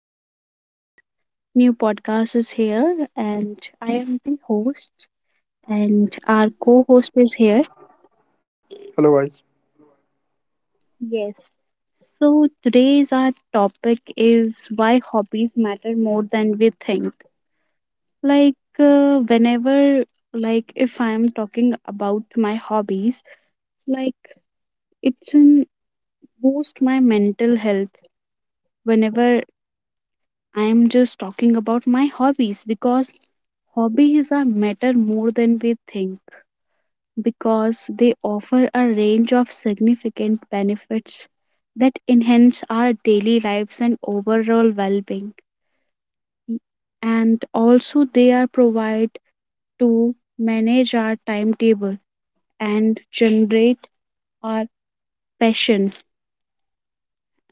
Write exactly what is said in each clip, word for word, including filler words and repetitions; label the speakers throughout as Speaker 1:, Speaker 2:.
Speaker 1: Today's our new podcast is here, and I am the host, and our co-host is here.
Speaker 2: Hello, guys.
Speaker 1: Yes. So today's our topic is why hobbies matter more than we think. Like uh, whenever, like if I am talking about my hobbies, like it's in boost my mental health whenever I am just talking about my hobbies because hobbies are matter more than we think because they offer a range of significant benefits that enhance our daily lives and overall well-being, and also they are provide to manage our timetable and generate our passion.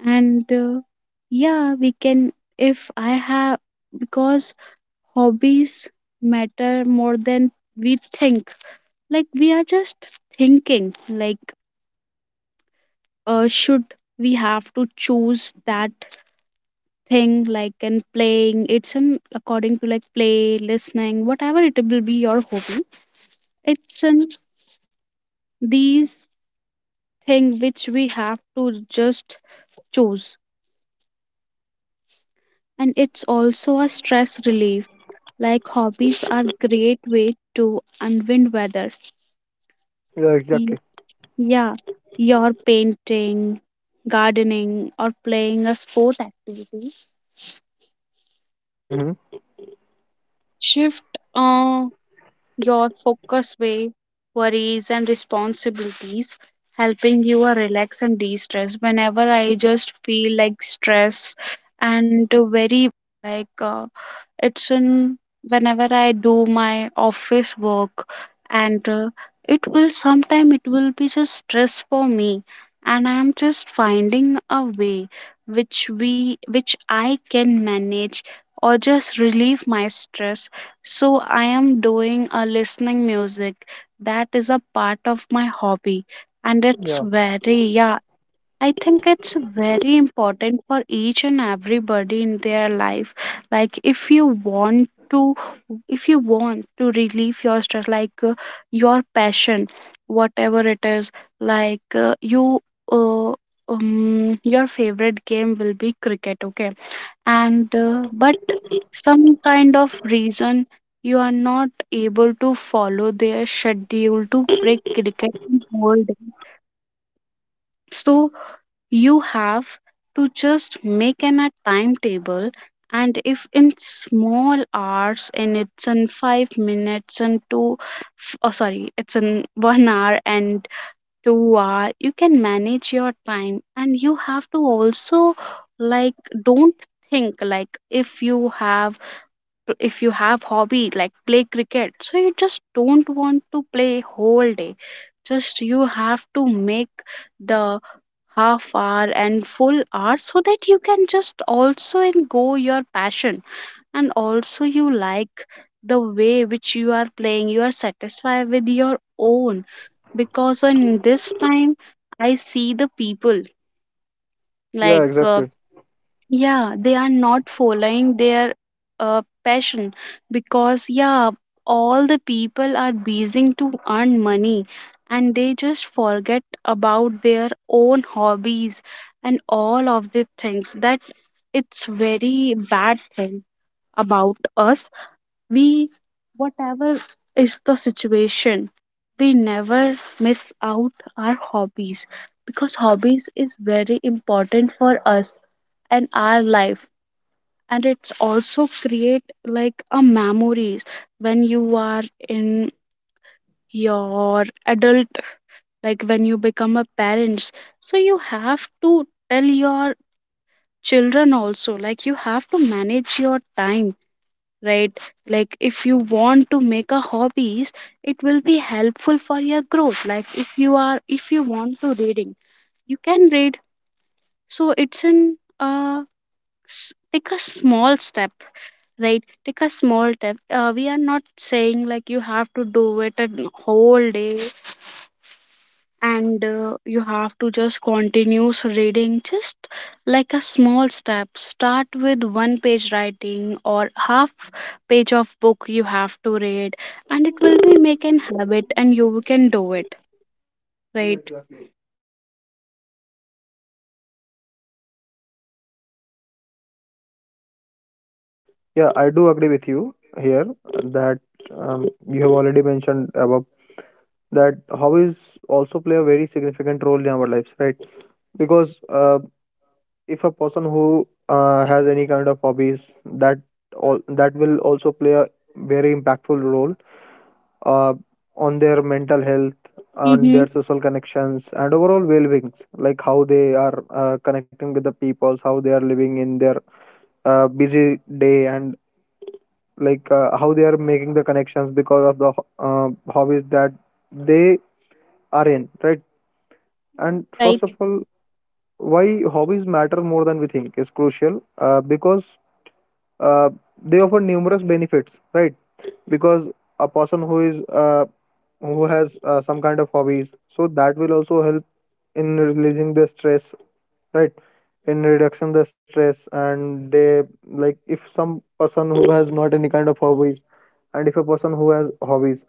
Speaker 1: And uh, yeah, we can, if I have, because hobbies matter more than we think. Like we are just thinking like uh, should we have to choose that thing, like and playing it's an according to like play listening whatever it will be your hobby, it's an these thing which we have to just choose. And it's also a stress relief, like hobbies are great way to unwind weather.
Speaker 2: Yeah, exactly.
Speaker 1: Yeah, your painting, gardening, or playing a sport activity.
Speaker 2: hmm
Speaker 1: Shift uh, your focus way, worries, and responsibilities, helping you uh, relax and de stress. Whenever I just feel like stress and very like uh, it's in whenever I do my office work, and uh, it will sometime it will be just stress for me, and I am just finding a way which we which I can manage or just relieve my stress. So I am doing a listening music. That is a part of my hobby, and it's
Speaker 2: Yeah,
Speaker 1: very, yeah, I think it's very important for each and everybody in their life. Like if you want to if you want to relieve your stress like uh, your passion whatever it is, like uh, you uh, um, your favorite game will be cricket, okay,
Speaker 2: yeah,
Speaker 1: and uh, but some kind of reason you are not able to follow their schedule to play cricket in whole day. So you have to just make an a timetable, and if in small hours and it's in five minutes and two f- oh sorry, it's in one hour and two hour, you can manage your time, and you have to also like don't think like if you have if you have hobby like play cricket, so you just don't want to play whole day, just you have to make the half hour and full hour so that you can just also and go your passion, and also you like the way which you are playing, you are satisfied with your own. Because in this time I see the people
Speaker 2: yeah,
Speaker 1: like uh,
Speaker 2: exactly.
Speaker 1: yeah, they are not following their uh, passion because, yeah, all the people are busy to earn money and they just forget about their own hobbies and all of the things that it's very bad thing about us. We whatever is the situation, we never miss out our hobbies because hobbies is very important for us and our life. And it's also create like a memories when you are in your adult, like when you become a parents, so you have to tell your children also like you have to manage your time, right? Like if you want to make a hobbies, it will be helpful for your growth, like if you are if you want to reading, you can read. So it's an uh s- take a small step, right? Take a small step. Uh, we are not saying like you have to do it a whole day and uh, you have to just continue reading, just like a small step, start with one page writing or half page of book you have to read, and it will be make an habit and you can do it, right?
Speaker 2: Yeah, I do agree with you here that um, you have already mentioned above that hobbies also play a very significant role in our lives, right? Because uh, if a person who uh, has any kind of hobbies, that all that will also play a very impactful role uh, on their mental health, on their
Speaker 1: Mm-hmm.
Speaker 2: social connections, and overall well-being. Like how they are uh, connecting with the peoples, how they are living in their uh, busy day and like uh, how they are making the connections because of the ho- uh, hobbies that they are in, right? And
Speaker 1: Mm-hmm.
Speaker 2: first
Speaker 1: Right.
Speaker 2: of all, why hobbies matter more than we think is crucial, uh, because uh, they offer numerous benefits, right? Because a person who is uh, who has uh, some kind of hobbies, so that will also help in releasing the stress, right? In reduction the stress, and they like if some person who has not any kind of hobbies and if a person who has hobbies,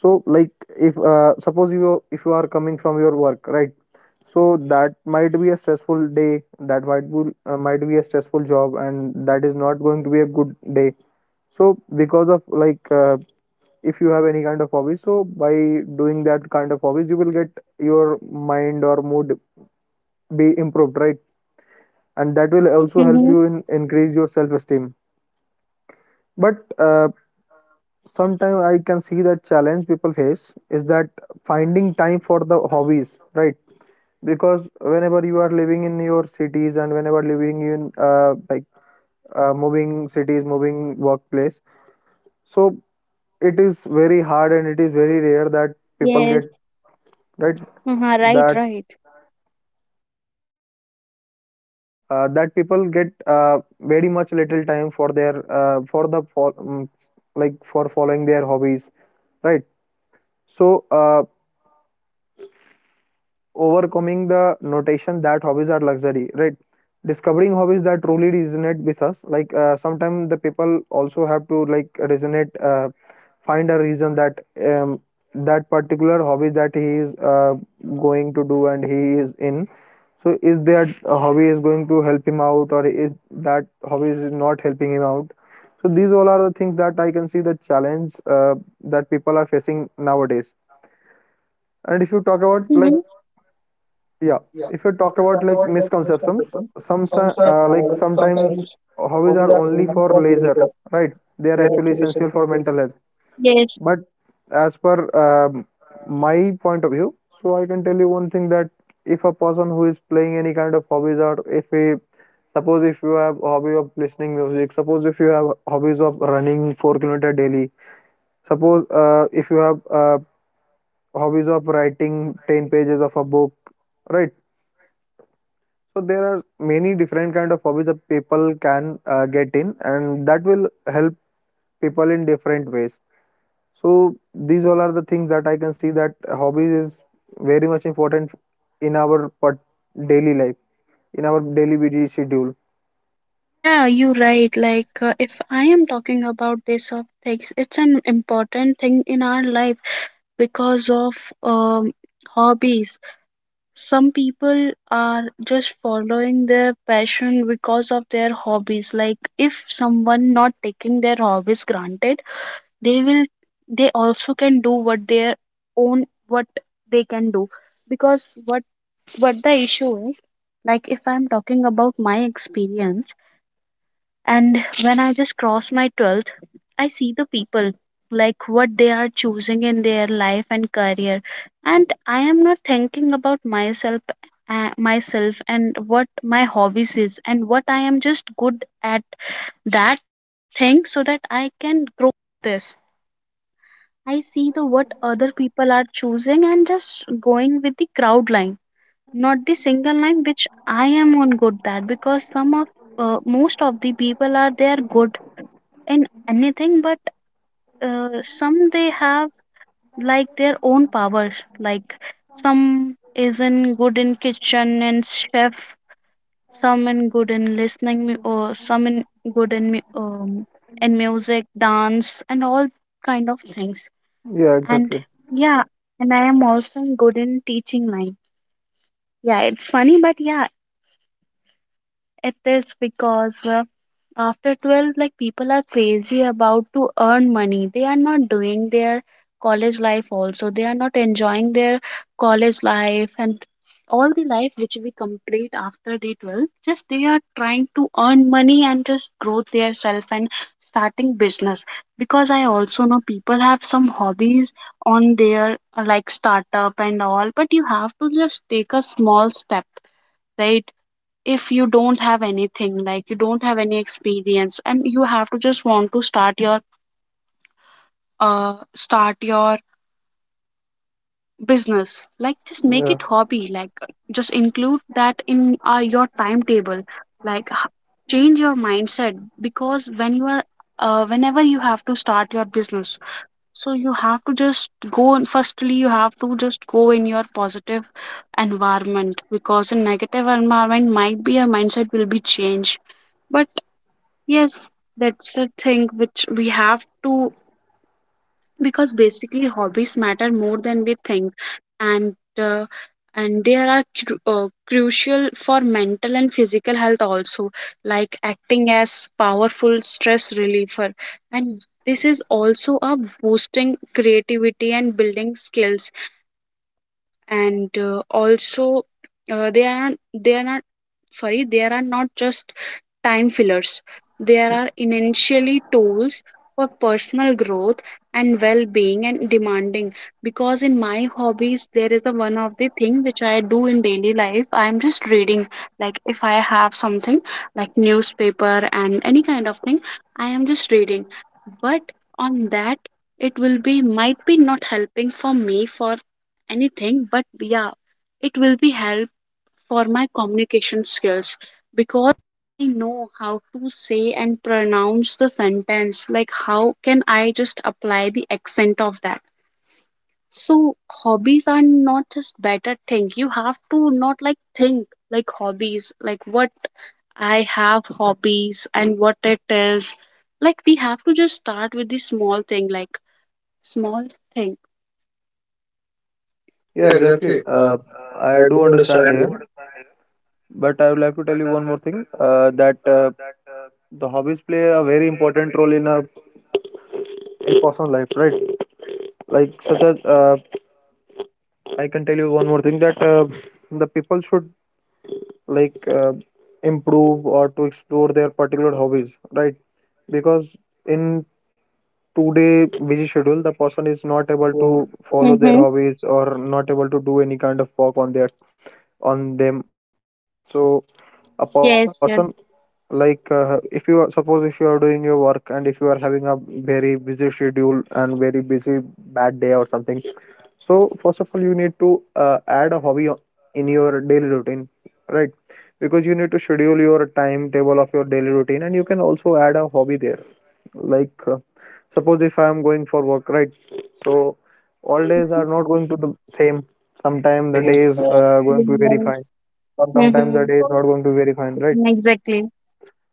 Speaker 2: so like if uh, suppose you, if you are coming from your work, right? So that might be a stressful day, that might be uh, might be a stressful job, and that is not going to be a good day. So because of like uh, if you have any kind of hobby, so by doing that kind of hobbies you will get your mind or mood be improved, right? And that will also help
Speaker 1: Mm-hmm.
Speaker 2: you in increase your self esteem. But uh, sometimes I can see that challenge people face is that finding time for the hobbies, right? Because whenever you are living in your cities and whenever living in uh, like uh, moving cities, moving workplace, so it is very hard and it is very rare that people
Speaker 1: Yes.
Speaker 2: get, right?
Speaker 1: Uh-huh. Right,
Speaker 2: That
Speaker 1: right.
Speaker 2: uh, that people get uh, very much little time for their uh, for the fol- um, like for following their hobbies, right? So, uh, overcoming the notation that hobbies are luxury, right? Discovering hobbies that truly resonate with us. Like uh, sometimes the people also have to like resonate, uh, find a reason that um, that particular hobby that he is uh, going to do and he is in. So, is that hobby is going to help him out, or is that hobby is not helping him out? So these all are the things that I can see the challenge uh, that people are facing nowadays. And if you talk about like
Speaker 1: Mm-hmm.
Speaker 2: yeah, if you talk about like misconceptions, some si- uh, like sometimes hobbies are only for leisure, right? They are actually essential for mental health.
Speaker 1: Yes.
Speaker 2: But as per um, my point of view, so I can tell you one thing that if a person who is playing any kind of hobbies, or if we suppose if you have hobby of listening music, suppose if you have hobbies of running four kilometer daily, suppose uh, if you have uh, hobbies of writing ten pages of a book, right? So there are many different kind of hobbies that people can uh, get in, and that will help people in different ways. So these all are the things that I can see that hobbies is very much important in our part- daily life, in our daily busy schedule.
Speaker 1: Yeah, you're right. Like, uh, if I am talking about this of things, it's an important thing in our life because of um, hobbies. Some people are just following their passion because of their hobbies. Like, if someone not taking their hobbies granted, they will, they also can do what their own, what they can do. Because what what the issue is, like, if I'm talking about my experience and when I just cross my twelfth, I see the people, like what they are choosing in their life and career. And I am not thinking about myself uh, myself and what my hobbies is and what I am just good at that thing so that I can grow this. I see the what other people are choosing and just going with the crowd line, not the single line which I am on good that. Because some of uh, most of the people are there good in anything, but uh, some they have like their own powers, like some is in good in kitchen and chef, some in good in listening mu- or some in good in mu- um, in music, dance, and all kind of things.
Speaker 2: Yeah,
Speaker 1: And,
Speaker 2: exactly.
Speaker 1: yeah, and I am also good in teaching line, yeah, it's funny, but yeah, it is because uh, after twelve like people are crazy about to earn money, they are not doing their college life also, they are not enjoying their college life, and all the life which we complete after the twelve just they are trying to earn money and just grow their self and starting business. Because I also know people have some hobbies on their uh, like startup and all, but you have to just take a small step, right? If you don't have anything like you don't have any experience and you have to just want to start your uh start your business, like just make
Speaker 2: Yeah.
Speaker 1: it hobby, like just include that in uh, your timetable, like h- change your mindset, because when you are uh, whenever you have to start your business, so you have to just go and firstly you have to just go in your positive environment, because in negative environment might be your mindset will be changed. But yes, that's the thing which we have to, because basically hobbies matter more than we think, and uh, and they are cru- uh, crucial for mental and physical health also, like acting as powerful stress reliever, and this is also a boosting creativity and building skills, and uh, also uh, they are they are not, sorry, there are not just time fillers, there are initially tools for personal growth and well-being and demanding. Because in my hobbies there is a one of the thing which I do in daily life, I am just reading, like if I have something like newspaper and any kind of thing, I am just reading. But on that it will be might be not helping for me for anything, but yeah, it will be help for my communication skills, because I know how to say and pronounce the sentence, like how can I just apply the accent of that. So hobbies are not just better thing, you have to not like think like hobbies like what I have hobbies and what it is, like we have to just start with the small thing, like small thing.
Speaker 2: Yeah, exactly. Uh, I do understand here, but I would like to tell you one more thing uh, that uh, the hobbies play a very important role in a in person's life, right? Like such as uh, I can tell you one more thing that uh, the people should like uh, improve or to explore their particular hobbies, right? Because in today busy schedule, the person is not able to follow their hobbies or not able to do any kind of work on their on them. So a person like uh, if you are suppose if you are doing your work and if you are having a very busy schedule and very busy bad day or something, so first of all you need to uh, add a hobby o- in your daily routine, right? Because you need to schedule your timetable of your daily routine and you can also add a hobby there. Like uh, suppose if I for work, right? So all days
Speaker 1: Mhm.
Speaker 2: are not going to the same. Sometimes the day is uh, going to be very fine.
Speaker 1: Yes.
Speaker 2: Sometimes the
Speaker 1: Mm-hmm.
Speaker 2: day is not going to be very fine, right?
Speaker 1: Exactly.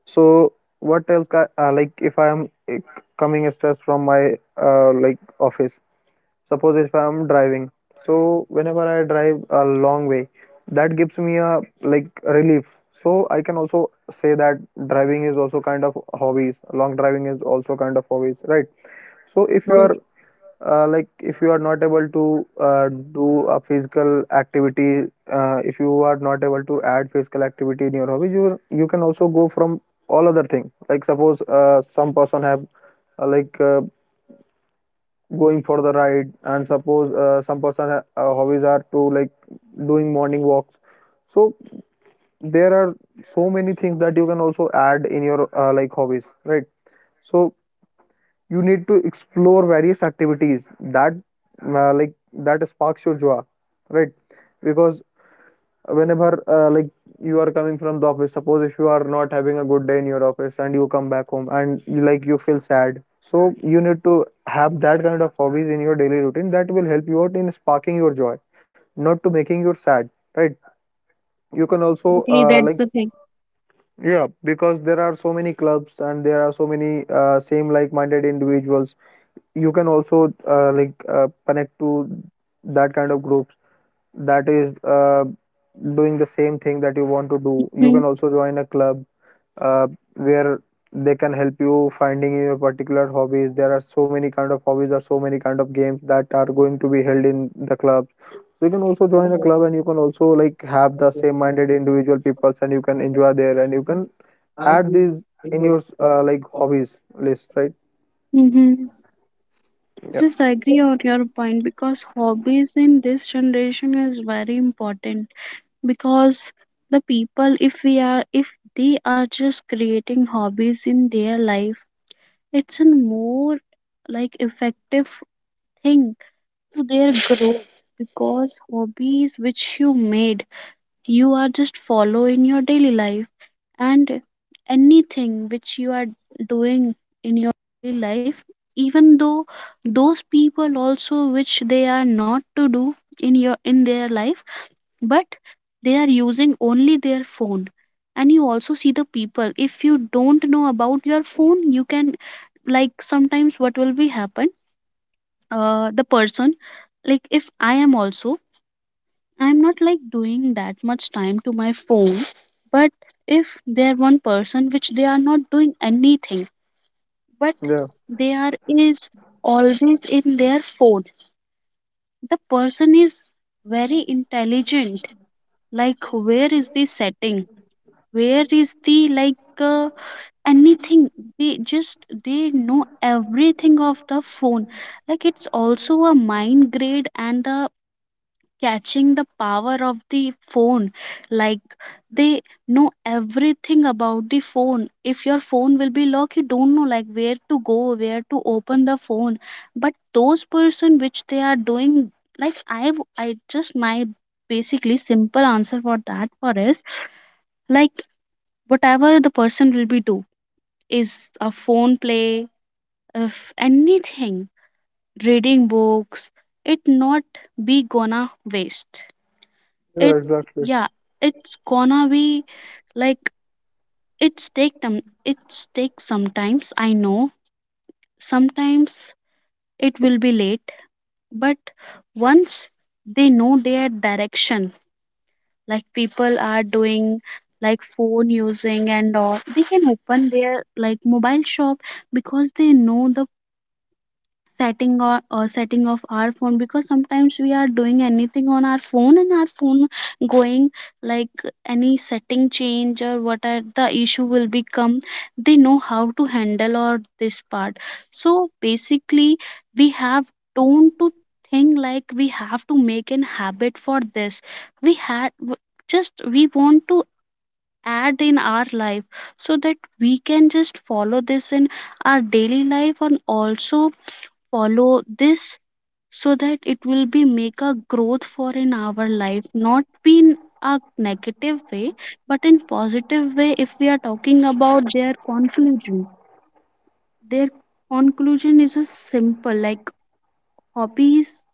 Speaker 2: So what else? Ca- Uh, like if I am eh, coming stressed from my uh, like office. Suppose if I am driving. So whenever I drive a long way, that gives me a like relief. So I can also say that driving is also kind of hobbies. Long driving is also kind of hobbies, right? So if
Speaker 1: Yes,
Speaker 2: you
Speaker 1: yes.
Speaker 2: are uh, like if you are not able to uh, do a physical activity, uh, if you are not able to add physical activity in your hobby, you you can also go from all other things. Like suppose uh, some person have uh, like uh, going for the ride, and suppose uh, some person ha- uh, hobbies are to like doing morning walks. So there are so many things that you can also add in your uh, like hobbies, right? So you need to explore various activities that uh, like that sparks your joy, right? Because whenever uh, like you are coming from the office, suppose if you are not having a good day in your office and you come back home and you, like you feel sad, so you need to have that kind of hobbies in your daily routine that will help you out in sparking your joy, not to making you sad, right? You can
Speaker 1: Yes,
Speaker 2: also
Speaker 1: exactly.
Speaker 2: uh, like
Speaker 1: That's the thing.
Speaker 2: yeah because there are so many clubs and there are so many uh, same like minded individuals, you can also uh, like uh, connect to that kind of groups that is uh, doing the same thing that you want to do. You can also join a club, uh, where they can help you finding your particular hobbies. There are so many kind of hobbies or so many kind of games that are going to be held in the club, so you can also join a club and you can also like have the same minded individual peoples and you can enjoy there and you can add these in your uh, like hobbies list, right?
Speaker 1: Mm-hmm.
Speaker 2: Yeah,
Speaker 1: Just I agree on your point because hobbies in this generation is very important because the people if we are if they are just creating hobbies in their life, it's a more like effective thing to their growth, because hobbies which you made you are just follow in your daily life, and anything which you are doing in your daily life, even though those people also which they are not to do in your in their life, but they are using only their phone. And you also see the people if you don't know about your phone, you can like sometimes what will be happen, uh the person, like if I am also, I'm not like doing that much time to my phone, but if they're one person which they are not doing anything, but
Speaker 2: yeah,
Speaker 1: they are is always in their phone. The person is very intelligent. Like where is the setting? Where is the like uh, anything? They just they know everything of the phone. Like it's also a mind grade and the catching the power of the phone, like they know everything about the phone, if your phone will be locked you don't know like where to go, where to open the phone. But those person which they are doing, like i w- I just my basically simple answer for that for is, like whatever the person will be do is a phone play, if anything reading books, it not be gonna waste
Speaker 2: yeah,
Speaker 1: it.
Speaker 2: exactly.
Speaker 1: Yeah, it's gonna be like it's take time, it's take sometimes, I know sometimes it will be late, but once they know their direction, like people are doing like phone using and all, they can open their like mobile shop, because they know the setting or, or setting of our phone, because sometimes we are doing anything on our phone and our phone going, like any setting change or what are the issue will become, they know how to handle or this part. So basically we have don't to think like we have to make an habit for this, we had w- just we want to add in our life, so that we can just follow this in our daily life and also follow this, so that it will be make a growth for in our life, not be in a negative way, but in positive way. If we are talking about their conclusion, their conclusion is a simple, like hobbies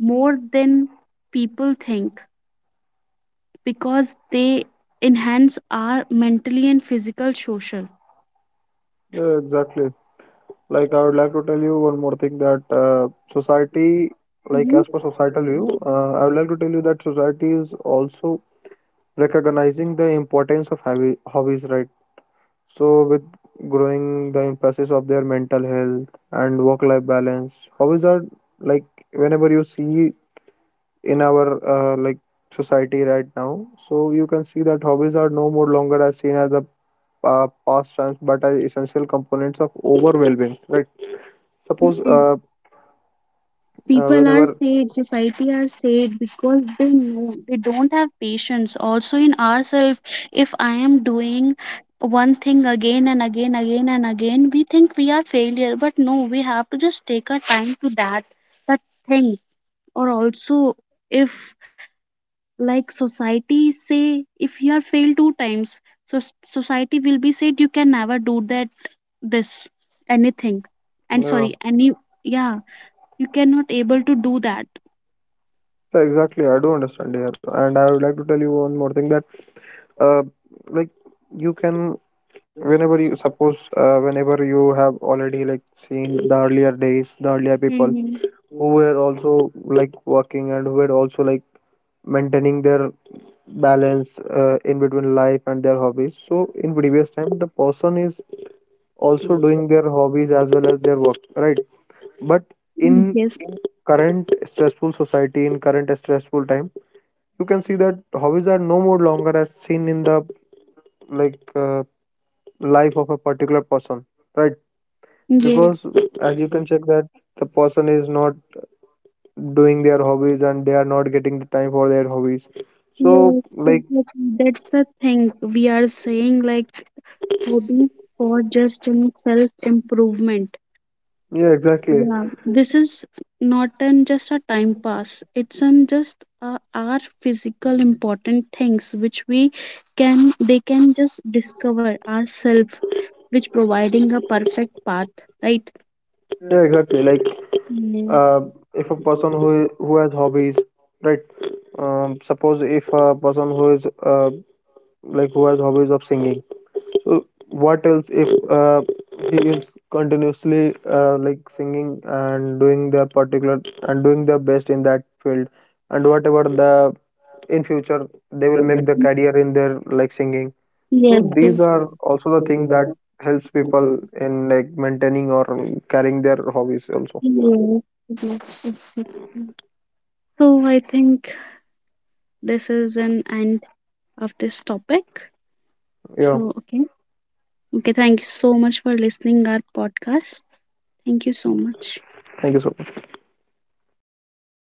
Speaker 1: more than people think, because they enhance our mentally and physical social.
Speaker 2: Yeah, exactly. Like I would like to tell you one more thing that uh, society, like
Speaker 1: Mhm.
Speaker 2: as per societal view, uh, I would like to tell you that society is also recognizing the importance of hobby, hobbies, right? So with growing the emphasis of their mental health and work-life balance, hobbies are like whenever you see in our uh, like society right now, so you can see that hobbies are no more longer as seen as a uh, past times, but as essential components of overall well-being, right? Suppose
Speaker 1: Yes,
Speaker 2: uh, uh,
Speaker 1: people are
Speaker 2: whenever
Speaker 1: sad, society are sad because they know they don't have patience. Also, in ourselves, if I am doing one thing again and again, again and again, we think we are failure. But no, we have to just take our time to that that thing. Or also, if like society say, if you are failed two times, so society will be said you can never do that, this anything, and
Speaker 2: uh,
Speaker 1: sorry
Speaker 2: yeah,
Speaker 1: any, yeah, you cannot able to do that.
Speaker 2: exactly, I do understand here, and I would like to tell you one more thing that uh, like you can whenever you suppose uh, whenever you have already like seen the earlier days, the earlier people
Speaker 1: Mm-hmm.
Speaker 2: who were also like working and who were also like maintaining their balance uh, in between life and their hobbies. So in previous time, the person is also doing their hobbies as well as their work, right? But in
Speaker 1: Yes,
Speaker 2: current stressful society, in current stressful time, you can see that hobbies are no more longer as seen in the like uh, life of a particular person, right?
Speaker 1: yes,
Speaker 2: Because as you can check that the person is not doing their hobbies and they are not getting the time for their hobbies. So
Speaker 1: yes,
Speaker 2: like
Speaker 1: exactly, that's the thing we are saying, like hobby for just in self improvement,
Speaker 2: yeah, exactly, yeah,
Speaker 1: yeah, this is not an just a time pass, it's an just uh, our physical important things which we can they can just discover ourselves, which providing a perfect path, right?
Speaker 2: exactly. Like uh,
Speaker 1: Yeah.
Speaker 2: if a person who who has hobbies, right? Um, suppose if a person who is uh, like who has hobbies of singing. So what else if uh, he is continuously uh, like singing and doing their particular and doing their best in that field, and whatever the in future they will make the career in their like singing.
Speaker 1: Yes,
Speaker 2: So these
Speaker 1: yes,
Speaker 2: are also the thing that helps people in like maintaining or carrying their hobbies also.
Speaker 1: yes, yes, exactly. So I think this is an end of this topic.
Speaker 2: Yeah.
Speaker 1: So okay, okay. Thank you so much for listening our podcast. Thank you so much.
Speaker 2: Thank you so